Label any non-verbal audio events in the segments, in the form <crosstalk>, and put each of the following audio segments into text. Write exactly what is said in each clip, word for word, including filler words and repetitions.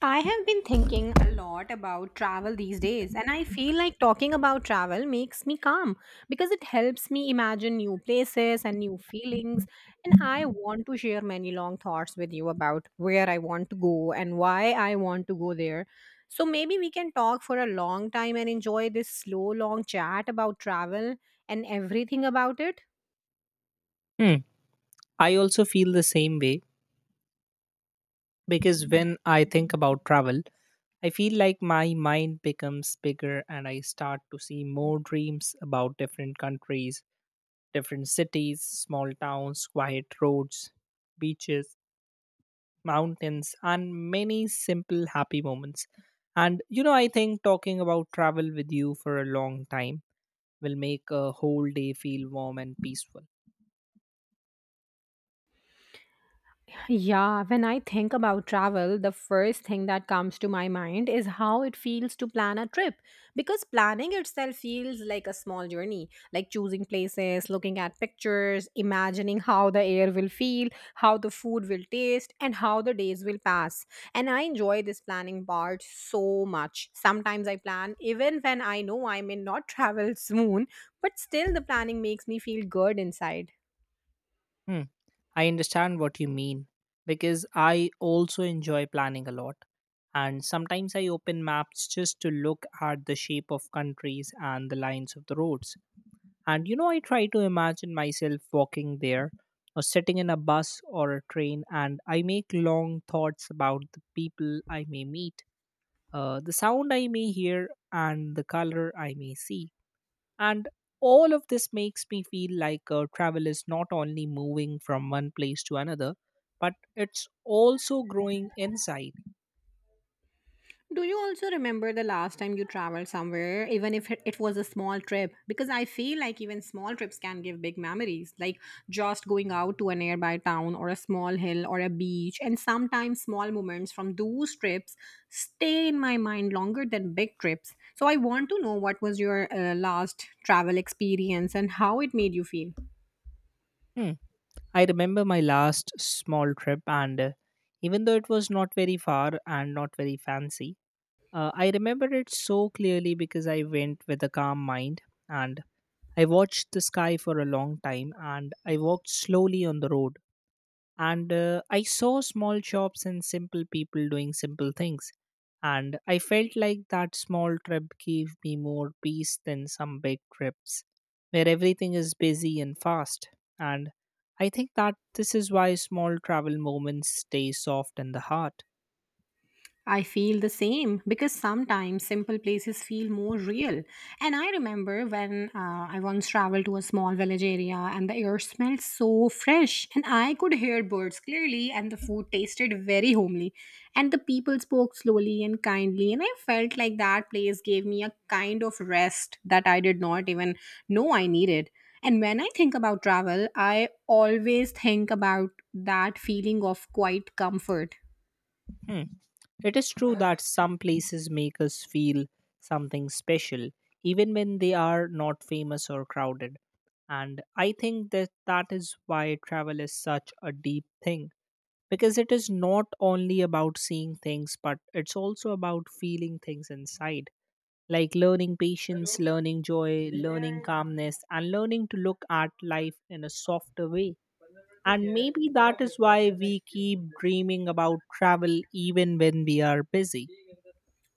I have been thinking a lot about travel these days, and I feel like talking about travel makes me calm because it helps me imagine new places and new feelings. And I want to share many long thoughts with you about where I want to go and why I want to go there. So maybe we can talk for a long time and enjoy this slow, long chat about travel and everything about it. Hmm. I also feel the same way because when I think about travel, I feel like my mind becomes bigger and I start to see more dreams about different countries, different cities, small towns, quiet roads, beaches, mountains, and many simple happy moments. And you know, I think talking about travel with you for a long time will make a whole day feel warm and peaceful. Yeah, when I think about travel, the first thing that comes to my mind is how it feels to plan a trip because planning itself feels like a small journey, like choosing places, looking at pictures, imagining how the air will feel, how the food will taste, and how the days will pass. And I enjoy this planning part so much. Sometimes I plan even when I know I may not <laughs> travel soon, but still the planning makes me feel good inside. Hmm. I understand what you mean because I also enjoy planning a lot. And sometimes I open maps just to look at the shape of countries and the lines of the roads. And you know, I try to imagine myself walking there or sitting in a bus or a train, and I make long thoughts about the people I may meet, uh, the sound I may hear, and the color I may see. And all of this makes me feel like uh, travel is not only moving from one place to another, but it's also growing inside. Do you also remember the last time you traveled somewhere, even if it it was a small trip? Because I feel like even small trips can give big memories, like just going out to a nearby town or a small hill or a beach. And sometimes small moments from those trips stay in my mind longer than big trips. So I want to know what was your uh, last travel experience and how it made you feel. Hmm. I remember my last small trip, and uh, even though it was not very far and not very fancy, uh, I remember it so clearly because I went with a calm mind and I watched the sky for a long time and I walked slowly on the road and uh, I saw small shops and simple people doing simple things and I felt like that small trip gave me more peace than some big trips where everything is busy and fast and I think that this is why small travel moments stay soft in the heart. I feel the same because sometimes simple places feel more real. And I remember when uh, I once traveled to a small village area and the air smelled so fresh, and I could hear birds clearly, and the food tasted very homely. And the people spoke slowly and kindly, and I felt like that place gave me a kind of rest that I did not even know I needed. And when I think about travel, I always think about that feeling of quiet comfort. Hmm. It is true that some places make us feel something special, even when they are not famous or crowded. And I think that that is why travel is such a deep thing, because it is not only about seeing things, but it's also about feeling things inside, like learning patience, learning joy, learning calmness, and learning to look at life in a softer way. And maybe that is why we keep dreaming about travel even when we are busy.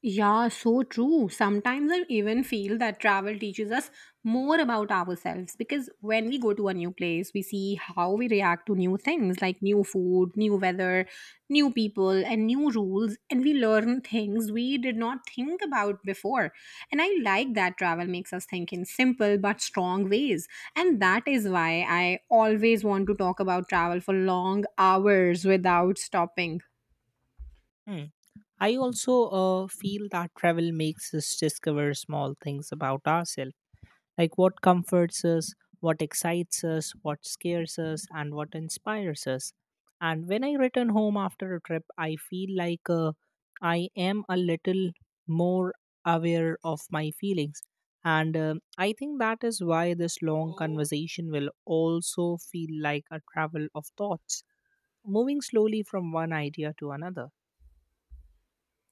Yeah, so true. Sometimes I even feel that travel teaches us more about ourselves because when we go to a new place, we see how we react to new things like new food, new weather, new people, and new rules. And we learn things we did not think about before. And I like that travel makes us think in simple but strong ways. And that is why I always want to talk about travel for long hours without stopping. Hmm. I also uh, feel that travel makes us discover small things about ourselves, like what comforts us, what excites us, what scares us, and what inspires us. And when I return home after a trip, I feel like uh, I am a little more aware of my feelings. And um I think that is why this long conversation will also feel like a travel of thoughts, moving slowly from one idea to another.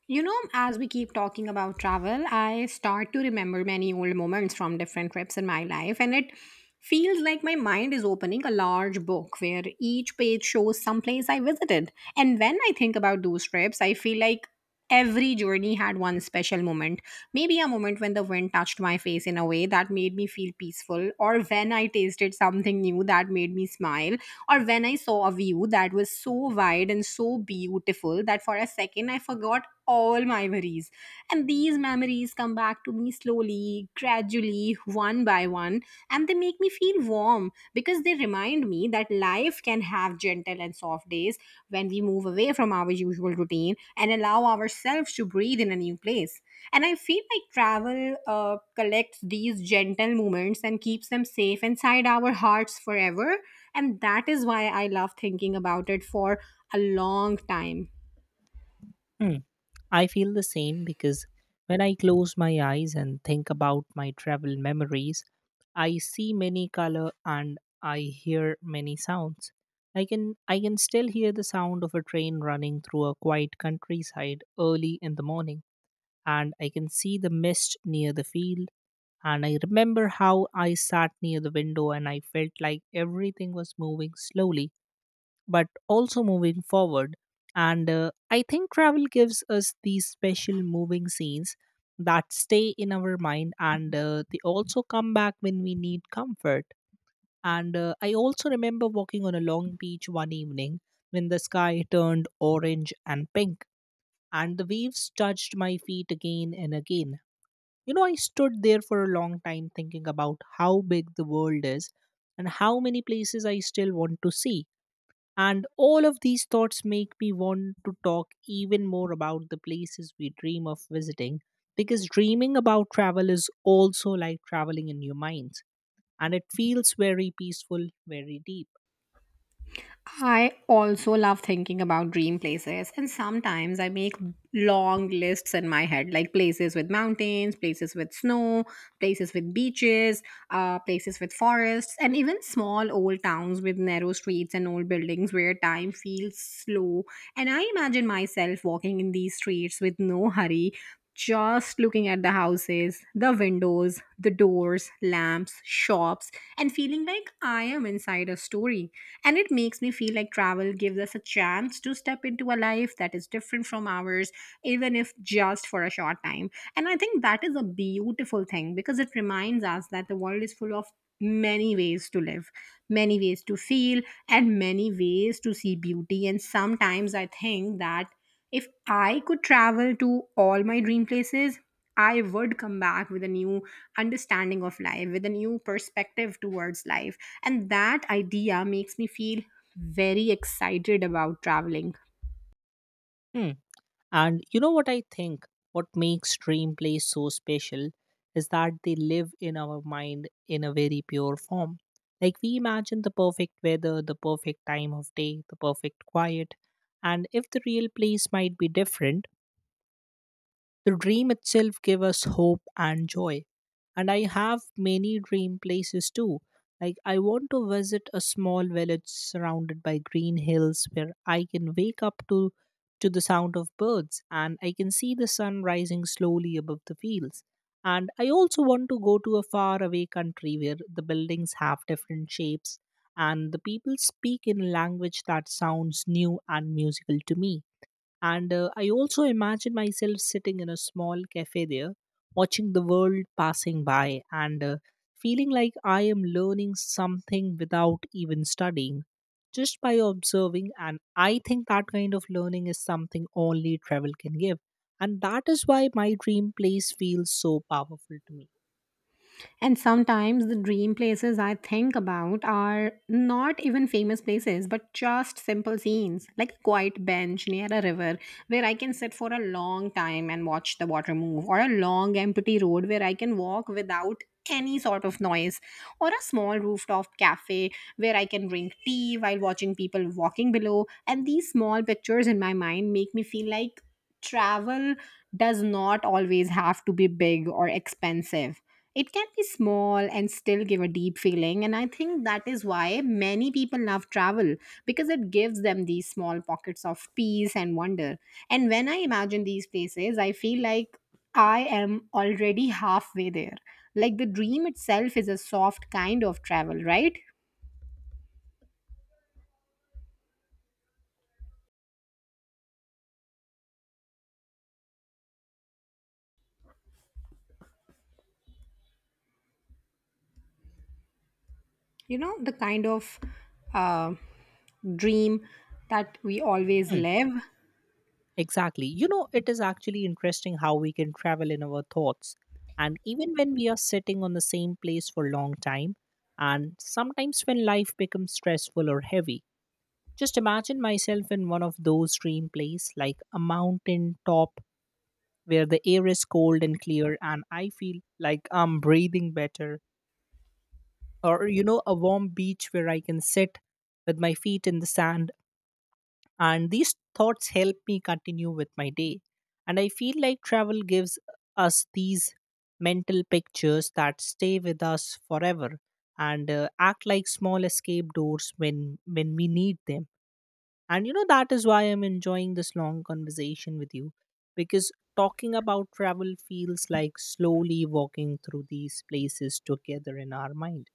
You know, as we keep talking about travel, I start to remember many old moments from different trips in my life, and it feels like my mind is opening a large book where each page shows some place I visited. And when I think about those trips, I feel like every journey had one special moment. Maybe a moment when the wind touched my face in a way that made me feel peaceful, or when I tasted something new that made me smile, or when I saw a view that was so wide and so beautiful that for a second I forgot all my worries. And these memories come back to me slowly, gradually, one by one, and they make me feel warm because they remind me that life can have gentle and soft days when we move away from our usual routine and allow ourselves to breathe in a new place. And I feel like travel uh, collects these gentle moments and keeps them safe inside our hearts forever. And that is why I love thinking about it for a long time. Hmm. I feel the same because when I close my eyes and think about my travel memories, I see many color and I hear many sounds. I can I can still hear the sound of a train running through a quiet countryside early in the morning and I can see the mist near the field and I remember how I sat near the window and I felt like everything was moving slowly but also moving forward. And uh, I think travel gives us these special moving scenes that stay in our mind and uh, they also come back when we need comfort. And uh, I also remember walking on a long beach one evening when the sky turned orange and pink and the waves touched my feet again and again. You know, I stood there for a long time thinking about how big the world is and how many places I still want to see. And all of these thoughts make me want to talk even more about the places we dream of visiting because dreaming about travel is also like traveling in your minds and it feels very peaceful, very deep. I also love thinking about dream places, and sometimes I make long lists in my head, like places with mountains, places with snow, places with beaches, uh, places with forests, and even small old towns with narrow streets and old buildings where time feels slow. And I imagine myself walking in these streets with no hurry, just looking at the houses, the windows, the doors, lamps, shops, and feeling like I am inside a story. And it makes me feel like travel gives us a chance to step into a life that is different from ours, even if just for a short time. And I think that is a beautiful thing because it reminds us that the world is full of many ways to live, many ways to feel, and many ways to see beauty. And sometimes I think that if I could travel to all my dream places, I would come back with a new understanding of life, with a new perspective towards life. And that idea makes me feel very excited about traveling. Hmm. And you know what I think? What makes dream place so special is that they live in our mind in a very pure form. Like we imagine the perfect weather, the perfect time of day, the perfect quiet, and if the real place might be different, the dream itself gave us hope and joy. And I have many dream places too. Like I want to visit a small village surrounded by green hills where I can wake up to to the sound of birds and I can see the sun rising slowly above the fields. And I also want to go to a far away country where the buildings have different shapes and the people speak in a language that sounds new and musical to me. And uh, I also imagine myself sitting in a small cafe there, watching the world passing by and uh, feeling like I am learning something without even studying, just by observing. And I think that kind of learning is something only travel can give. And that is why my dream place feels so powerful to me. And sometimes the dream places I think about are not even famous places, but just simple scenes, like a quiet bench near a river where I can sit for a long time and watch the water move, or a long empty road where I can walk without any sort of noise, or a small rooftop cafe where I can drink tea while watching people walking below. And these small pictures in my mind make me feel like travel does not always have to be big or expensive. It can be small and still give a deep feeling, and I think that is why many people love travel because it gives them these small pockets of peace and wonder. And when I imagine these places, I feel like I am already halfway there. Like the dream itself is a soft kind of travel, right? You know, the kind of uh, dream that we always Hmm. live. Exactly. You know, it is actually interesting how we can travel in our thoughts. And even when we are sitting on the same place for a long time, and sometimes when life becomes stressful or heavy, just imagine myself in one of those dream places, like a mountain top where the air is cold and clear, and I feel like I'm breathing better. Or, you know, a warm beach where I can sit with my feet in the sand and these thoughts help me continue with my day and I feel like travel gives us these mental pictures that stay with us forever and uh, act like small escape doors when when we need them and you know, that is why I'm enjoying this long conversation with you because talking about travel feels like slowly walking through these places together in our mind.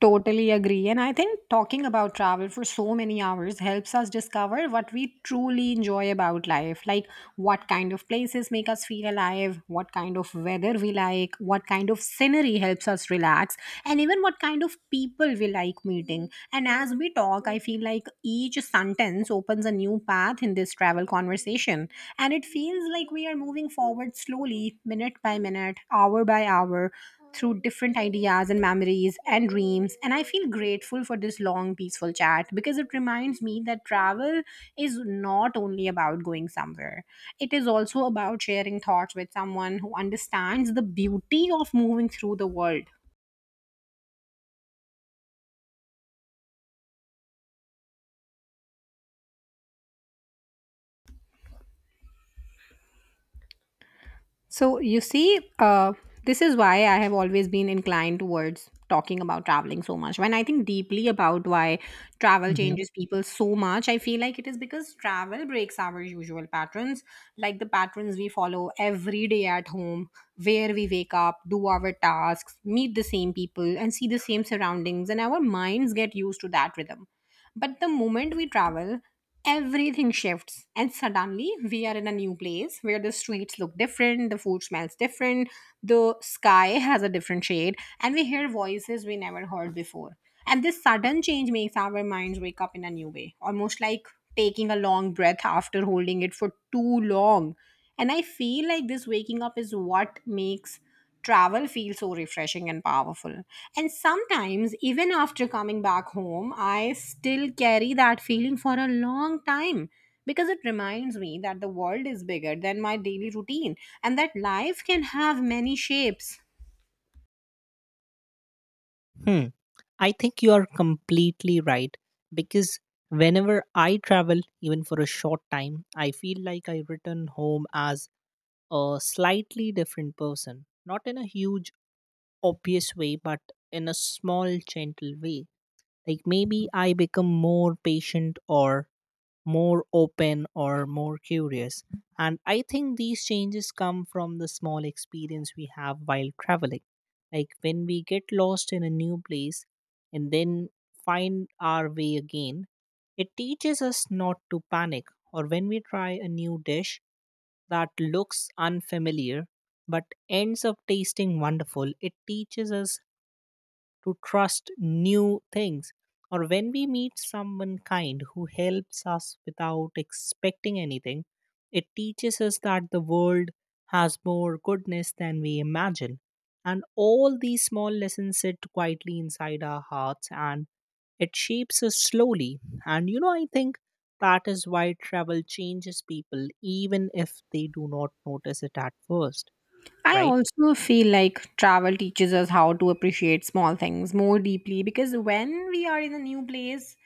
Totally agree. And I think talking about travel for so many hours helps us discover what we truly enjoy about life. Like what kind of places make us feel alive, what kind of weather we like, what kind of scenery helps us relax, and even what kind of people we like meeting. And as we talk, I feel like each sentence opens a new path in this travel conversation. And it feels like we are moving forward slowly, minute by minute, hour by hour, through different ideas and memories and dreams. And I feel grateful for this long, peaceful chat because it reminds me that travel is not only about going somewhere, it is also about sharing thoughts with someone who understands the beauty of moving through the world. So, you see, uh, this is why I have always been inclined towards talking about traveling so much. When I think deeply about why travel Mhm. changes people so much, I feel like it is because travel breaks our usual patterns, like the patterns we follow every day at home, where we wake up, do our tasks, meet the same people, and see the same surroundings. And our minds get used to that rhythm. But the moment we travel, everything shifts. And suddenly we are in a new place where the streets look different, the food smells different, the sky has a different shade, and we hear voices we never heard before. And this sudden change makes our minds wake up in a new way, almost like taking a long breath after holding it for too long. And I feel like this waking up is what makes travel feel so refreshing and powerful. And sometimes, even after coming back home, I still carry that feeling for a long time because it reminds me that the world is bigger than my daily routine and that life can have many shapes. Hmm. I think you are completely right because whenever I travel, even for a short time, I feel like I return home as a slightly different person. Not in a huge, obvious way, but in a small, gentle way. Like maybe I become more patient or more open or more curious. And I think these changes come from the small experience we have while traveling. Like when we get lost in a new place and then find our way again, it teaches us not to panic. Or when we try a new dish that looks unfamiliar but ends up tasting wonderful, it teaches us to trust new things, or when we meet someone kind who helps us without expecting anything, it teaches us that the world has more goodness than we imagine, and all these small lessons sit quietly inside our hearts and it shapes us slowly. And you know, I think that is why travel changes people even if they do not notice it at first. I Right. also feel like travel teaches us how to appreciate small things more deeply because when we are in a new place,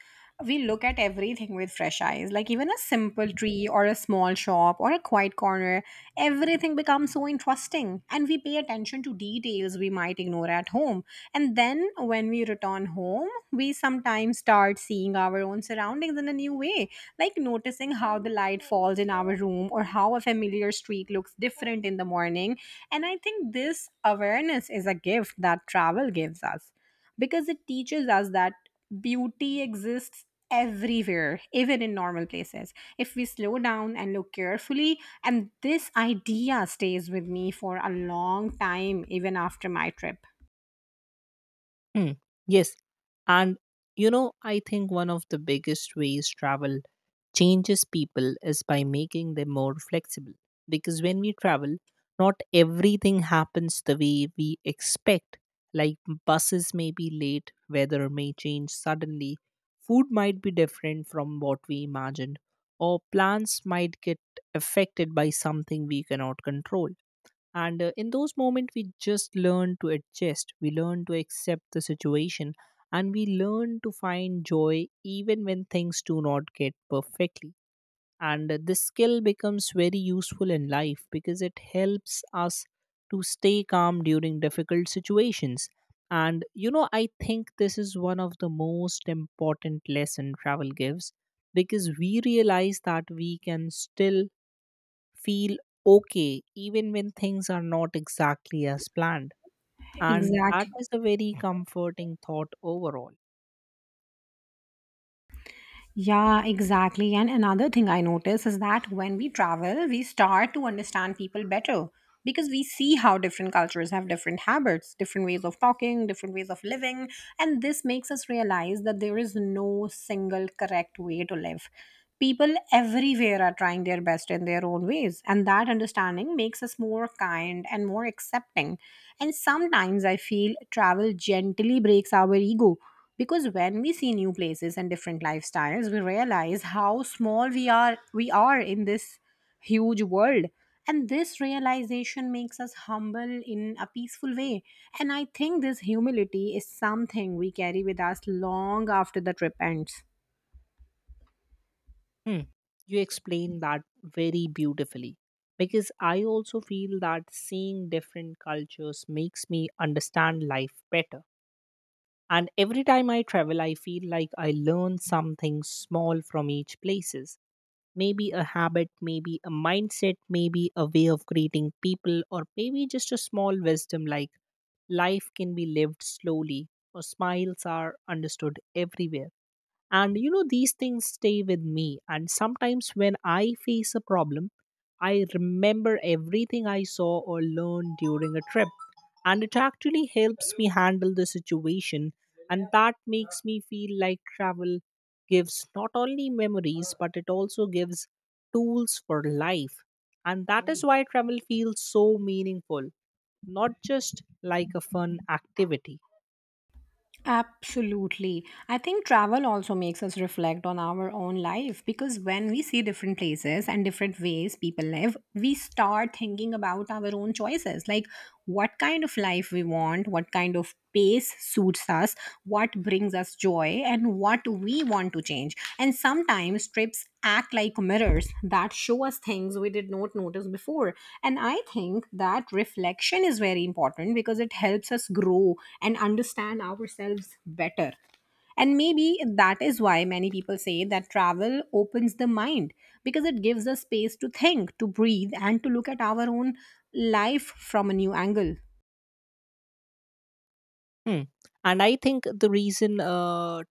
we look at everything with fresh eyes. Like even a simple tree or a small shop or a quiet corner, everything becomes so interesting and we pay attention to details we might ignore at home. And then when we return home we sometimes start seeing our own surroundings in a new way, like noticing how the light falls in our room or how a familiar street looks different in the morning. And I think this awareness is a gift that travel gives us because it teaches us that beauty exists everywhere, even in normal places, if we slow down and look carefully. And this idea stays with me for a long time even after my trip. Hmm. Yes. And you know, I think one of the biggest ways travel changes people is by making them more flexible. Because when we travel, not everything happens the way we expect. Like buses may be late, weather may change suddenly, food might be different from what we imagined, or plans might get affected by something we cannot control, and uh, in those moments we just learn to adjust, we learn to accept the situation and we learn to find joy even when things do not get perfectly. And uh, this skill becomes very useful in life because it helps us to stay calm during difficult situations. And you know, I think this is one of the most important lesson travel gives, because we realize that we can still feel okay even when things are not exactly as planned. And that Exactly. is a very comforting thought overall. Yeah, exactly. And another thing I notice is that when we travel, we start to understand people better because we see how different cultures have different habits, different ways of talking, different ways of living. And this makes us realize that there is no single correct way to live. People everywhere are trying their best in their own ways. And that understanding makes us more kind and more accepting. And sometimes I feel travel gently breaks our ego because when we see new places and different lifestyles we realize how small we are we are in this huge world. And this realization makes us humble in a peaceful way. And I think this humility is something we carry with us long after the trip ends. Hmm. You explain that very beautifully because I also feel that seeing different cultures makes me understand life better. And every time I travel, I feel like I learn something small from each places, maybe a habit, maybe a mindset, maybe a way of greeting people, or maybe just a small wisdom like life can be lived slowly or smiles are understood everywhere. And you know, these things stay with me. And sometimes when I face a problem, I remember everything I saw or learned during a trip. And it actually helps me handle the situation. And that makes me feel like travel gives not only memories, but it also gives tools for life. And that is why travel feels so meaningful, not just like a fun activity. Absolutely. I think travel also makes us reflect on our own life because when we see different places and different ways people live, we start thinking about our own choices, like what kind of life we want, what kind of pace suits us, what what brings us joy and what we want to change. And sometimes trips act like mirrors that show us things we did not notice before. And I think that reflection is very important because it helps us grow and understand ourselves better. And maybe that is why many people say that travel opens the mind because it gives us space to think, to breathe, and to look at our own life from a new angle. Hmm. And I think the reason uh,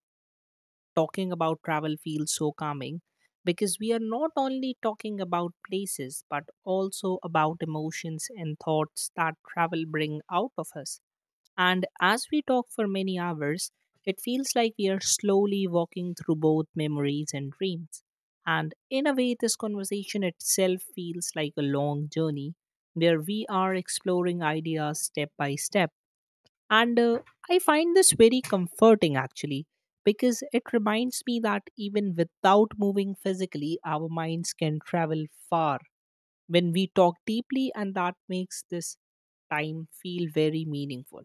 talking about travel feels so calming because we are not only talking about places but also about emotions and thoughts that travel bring out of us. And as we talk for many hours, it feels like we are slowly walking through both memories and dreams. And in a way, this conversation itself feels like a long journey where we are exploring ideas step by step and uh, I find this very comforting actually, because it reminds me that even without moving physically, our minds can travel far when we talk deeply, and that makes this time feel very meaningful.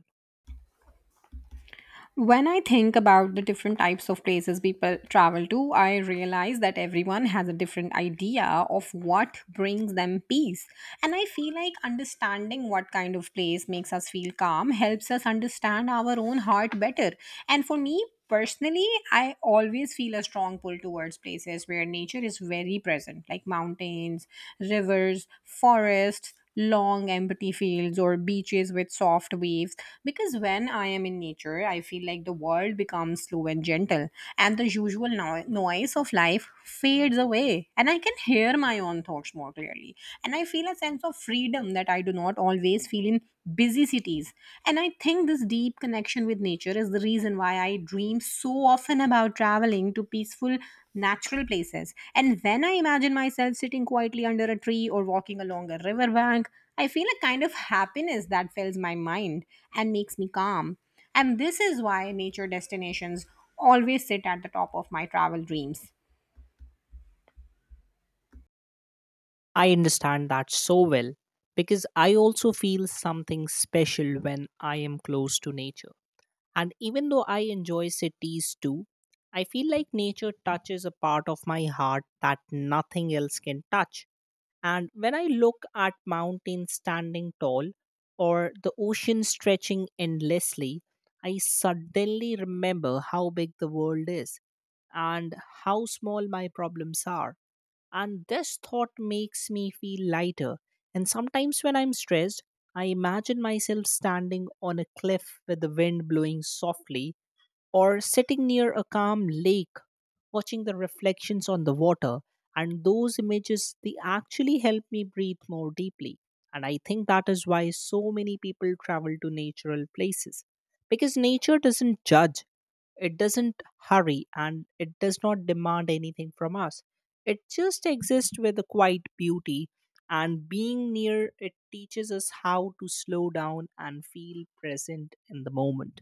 When I think about the different types of places people travel to, I realize that everyone has a different idea of what brings them peace. And I feel like understanding what kind of place makes us feel calm helps us understand our own heart better. And for me personally, I always feel a strong pull towards places where nature is very present, like mountains, rivers, forests, long empty fields, or beaches with soft waves, because when I am in nature, I feel like the world becomes slow and gentle, and the usual no- noise of life fades away, and I can hear my own thoughts more clearly, and I feel a sense of freedom that I do not always feel in busy cities. And I think this deep connection connection with nature is the reason why I dream so often about traveling to peaceful, natural places. And when I imagine myself sitting quietly under a tree or walking along a riverbank, I feel a kind of happiness that fills my mind and makes me calm. And this is why nature destinations always sit at the top of my travel dreams. I understand that so well because I also feel something special when I am close to nature. And even though I enjoy cities too, I feel like nature touches a part of my heart that nothing else can touch. And when I look at mountains standing tall or the ocean stretching endlessly, I suddenly remember how big the world is and how small my problems are. And this thought makes me feel lighter. And sometimes when I'm stressed, I imagine myself standing on a cliff with the wind blowing softly or sitting near a calm lake watching the reflections on the water. And those images, they actually help me breathe more deeply. And I think that is why so many people travel to natural places, because nature doesn't judge, it doesn't hurry, and it does not demand anything from us. It just exists with a quiet beauty, and being near it teaches us how to slow down and feel present in the moment.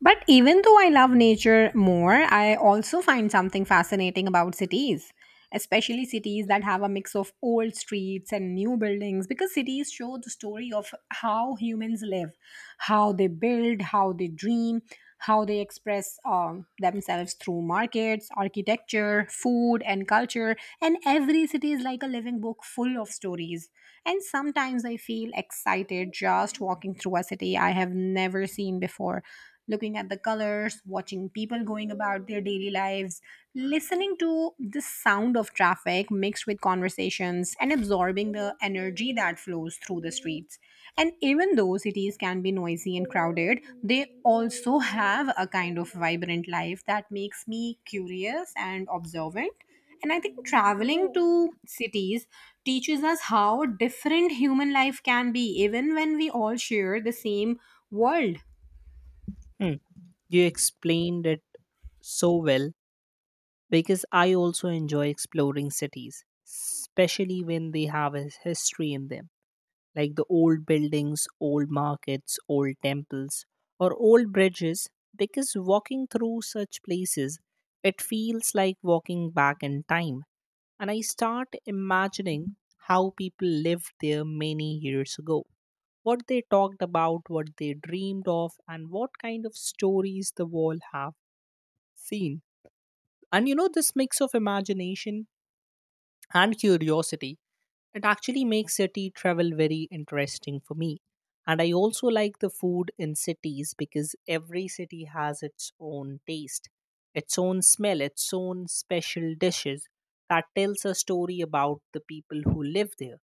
But even though I love nature more, I also find something fascinating about cities, especially cities that have a mix of old streets and new buildings, because cities show the story of how humans live, how they build, how they dream, how they express um, themselves through markets, architecture, food, and culture. And every city is like a living book full of stories. And sometimes I feel excited just walking through a city I have never seen before, looking at the colors, watching people going about their daily lives, listening to the sound of traffic mixed with conversations, and absorbing the energy that flows through the streets. And even though cities can be noisy and crowded, they also have a kind of vibrant life that makes me curious and observant. And I think traveling to cities teaches us how different human life can be, even when we all share the same world. Hmm. You explained it so well, because I also enjoy exploring cities, especially when they have a history in them, like the old buildings, old markets, old temples, or old bridges. Because walking through such places, it feels like walking back in time, and I start imagining how people lived there many years ago. What they talked about, what they dreamed of, and what kind of stories the wall have seen. And you know, this mix of imagination and curiosity, it actually makes city travel very interesting for me. And I also like the food in cities, because every city has its own taste, its own smell, its own special dishes that tells a story about the people who live there.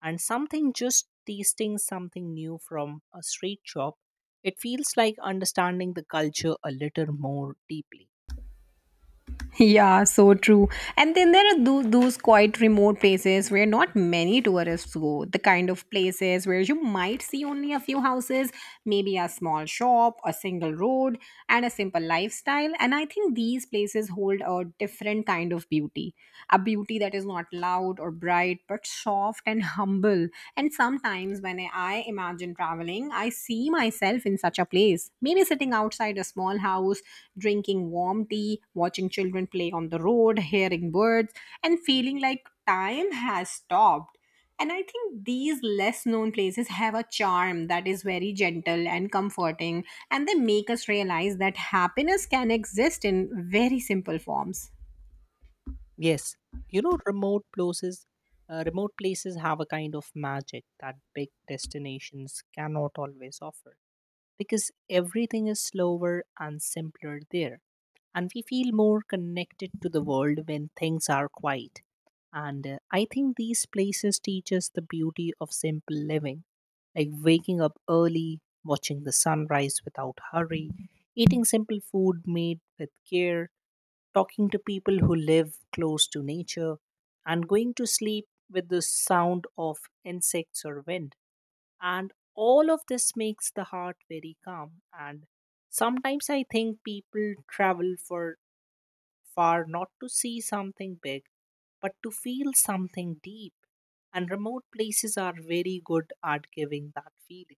And something just tasting something new from a street shop, it feels like understanding the culture a little more deeply. Yeah, so true. And then there are tho- those quite remote places where not many tourists go. The kind of places where you might see only a few houses, maybe a small shop, a single road, and a simple lifestyle. And I think these places hold a different kind of beauty, a beauty that is not loud or bright, but soft and humble. And sometimes when I imagine traveling, I see myself in such a place. Maybe sitting outside a small house, drinking warm tea, watching children play on the road, hearing birds, and feeling like time has stopped. And I think these less known places have a charm that is very gentle and comforting, and they make us realize that happiness can exist in very simple forms. Yes, you know, remote places, uh, remote places have a kind of magic that big destinations cannot always offer, because everything is slower and simpler there, and we feel more connected to the world when things are quiet. And uh, I think these places teach us the beauty of simple living, like waking up early, watching the sunrise without hurry, eating simple food made with care, talking to people who live close to nature, and going to sleep with the sound of insects or wind. And all of this makes the heart very calm. And sometimes I think people travel for far not to see something big, but to feel something deep. And remote places are very good at giving that feeling.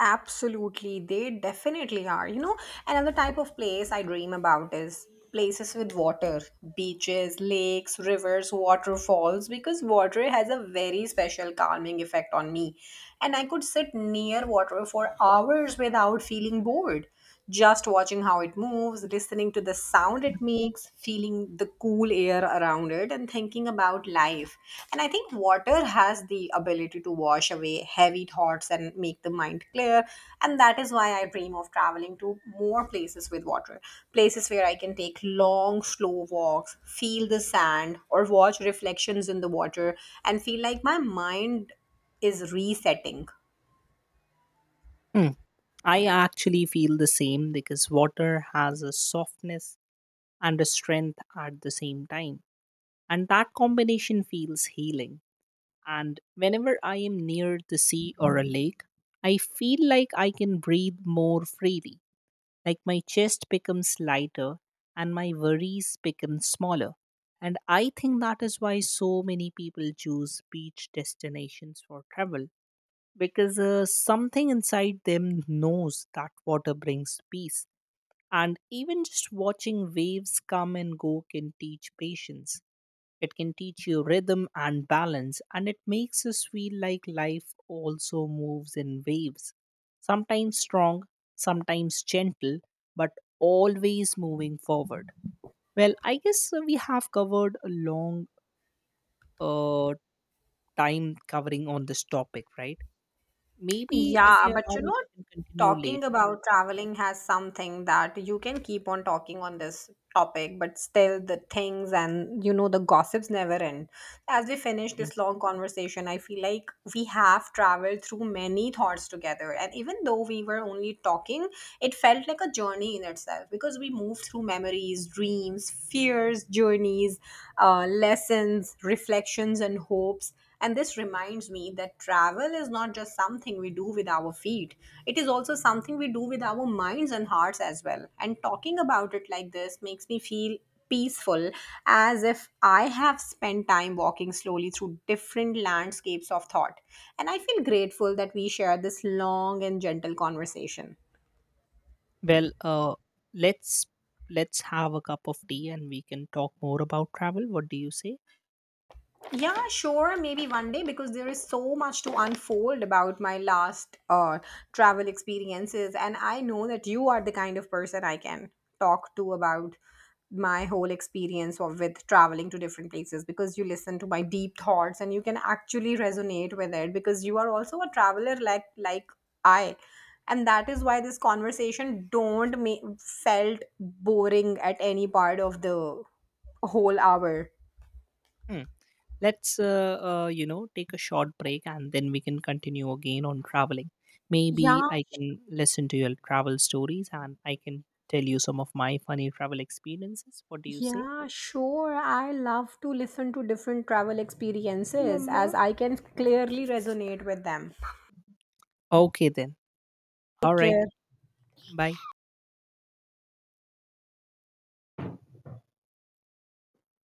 Absolutely, they definitely are. You know, another type of place I dream about is places with water, beaches, lakes, rivers, waterfalls, because water has a very special calming effect on me. And I could sit near water for hours without feeling bored, just watching how it moves, listening to the sound it makes, feeling the cool air around it, and thinking about life. And I think water has the ability to wash away heavy thoughts and make the mind clear. And that is why I dream of traveling to more places with water, places where I can take long, slow walks, feel the sand, or watch reflections in the water and feel like my mind is resetting. Hmm. I actually feel the same, because water has a softness and a strength at the same time. And that combination feels healing. And whenever I am near the sea or a lake, I feel like I can breathe more freely. Like my chest becomes lighter and my worries become smaller. And I think that is why so many people choose beach destinations for travel, because uh, something inside them knows that water brings peace. And even just watching waves come and go can teach patience. It can teach you rhythm and balance, and it makes us feel like life also moves in waves. Sometimes strong, sometimes gentle, but always moving forward. Well, I guess uh, we have covered a long uh, time covering on this topic, right? Maybe if Yeah, you but allow you me, know, we can continue talking later. about traveling has something that you can keep on talking on this topic, but still the things and, you know, the gossips never end. As we finish Mm. this long conversation, I feel like we have traveled through many thoughts together. And even though we were only talking, it felt like a journey in itself because we moved through memories, dreams, fears, journeys, uh, lessons, reflections, and hopes. And this reminds me that travel is not just something we do with our feet, it is also something we do with our minds and hearts as well. And talking about it like this makes me feel peaceful, as if I have spent time walking slowly through different landscapes of thought. And I feel grateful that we shared this long and gentle conversation. Well, uh, let's let's have a cup of tea and we can talk more about travel. What do you say? Yeah, sure. Maybe one day, because there is so much to unfold about my last uh, travel experiences. And I know that you are the kind of person I can talk to about my whole experience of with traveling to different places, because you listen to my deep thoughts and you can actually resonate with it because you are also a traveler, like like I, and that is why this conversation don't make felt boring at any part of the whole hour. Hmm. Let's, uh, uh, you know, take a short break and then we can continue again on traveling. Maybe Yeah. I can listen to your travel stories and I can tell you some of my funny travel experiences. What do you say? Yeah, sure. I love to listen to different travel experiences. Mhm. As I can clearly resonate with them. Okay, then. All Take right. care. Bye.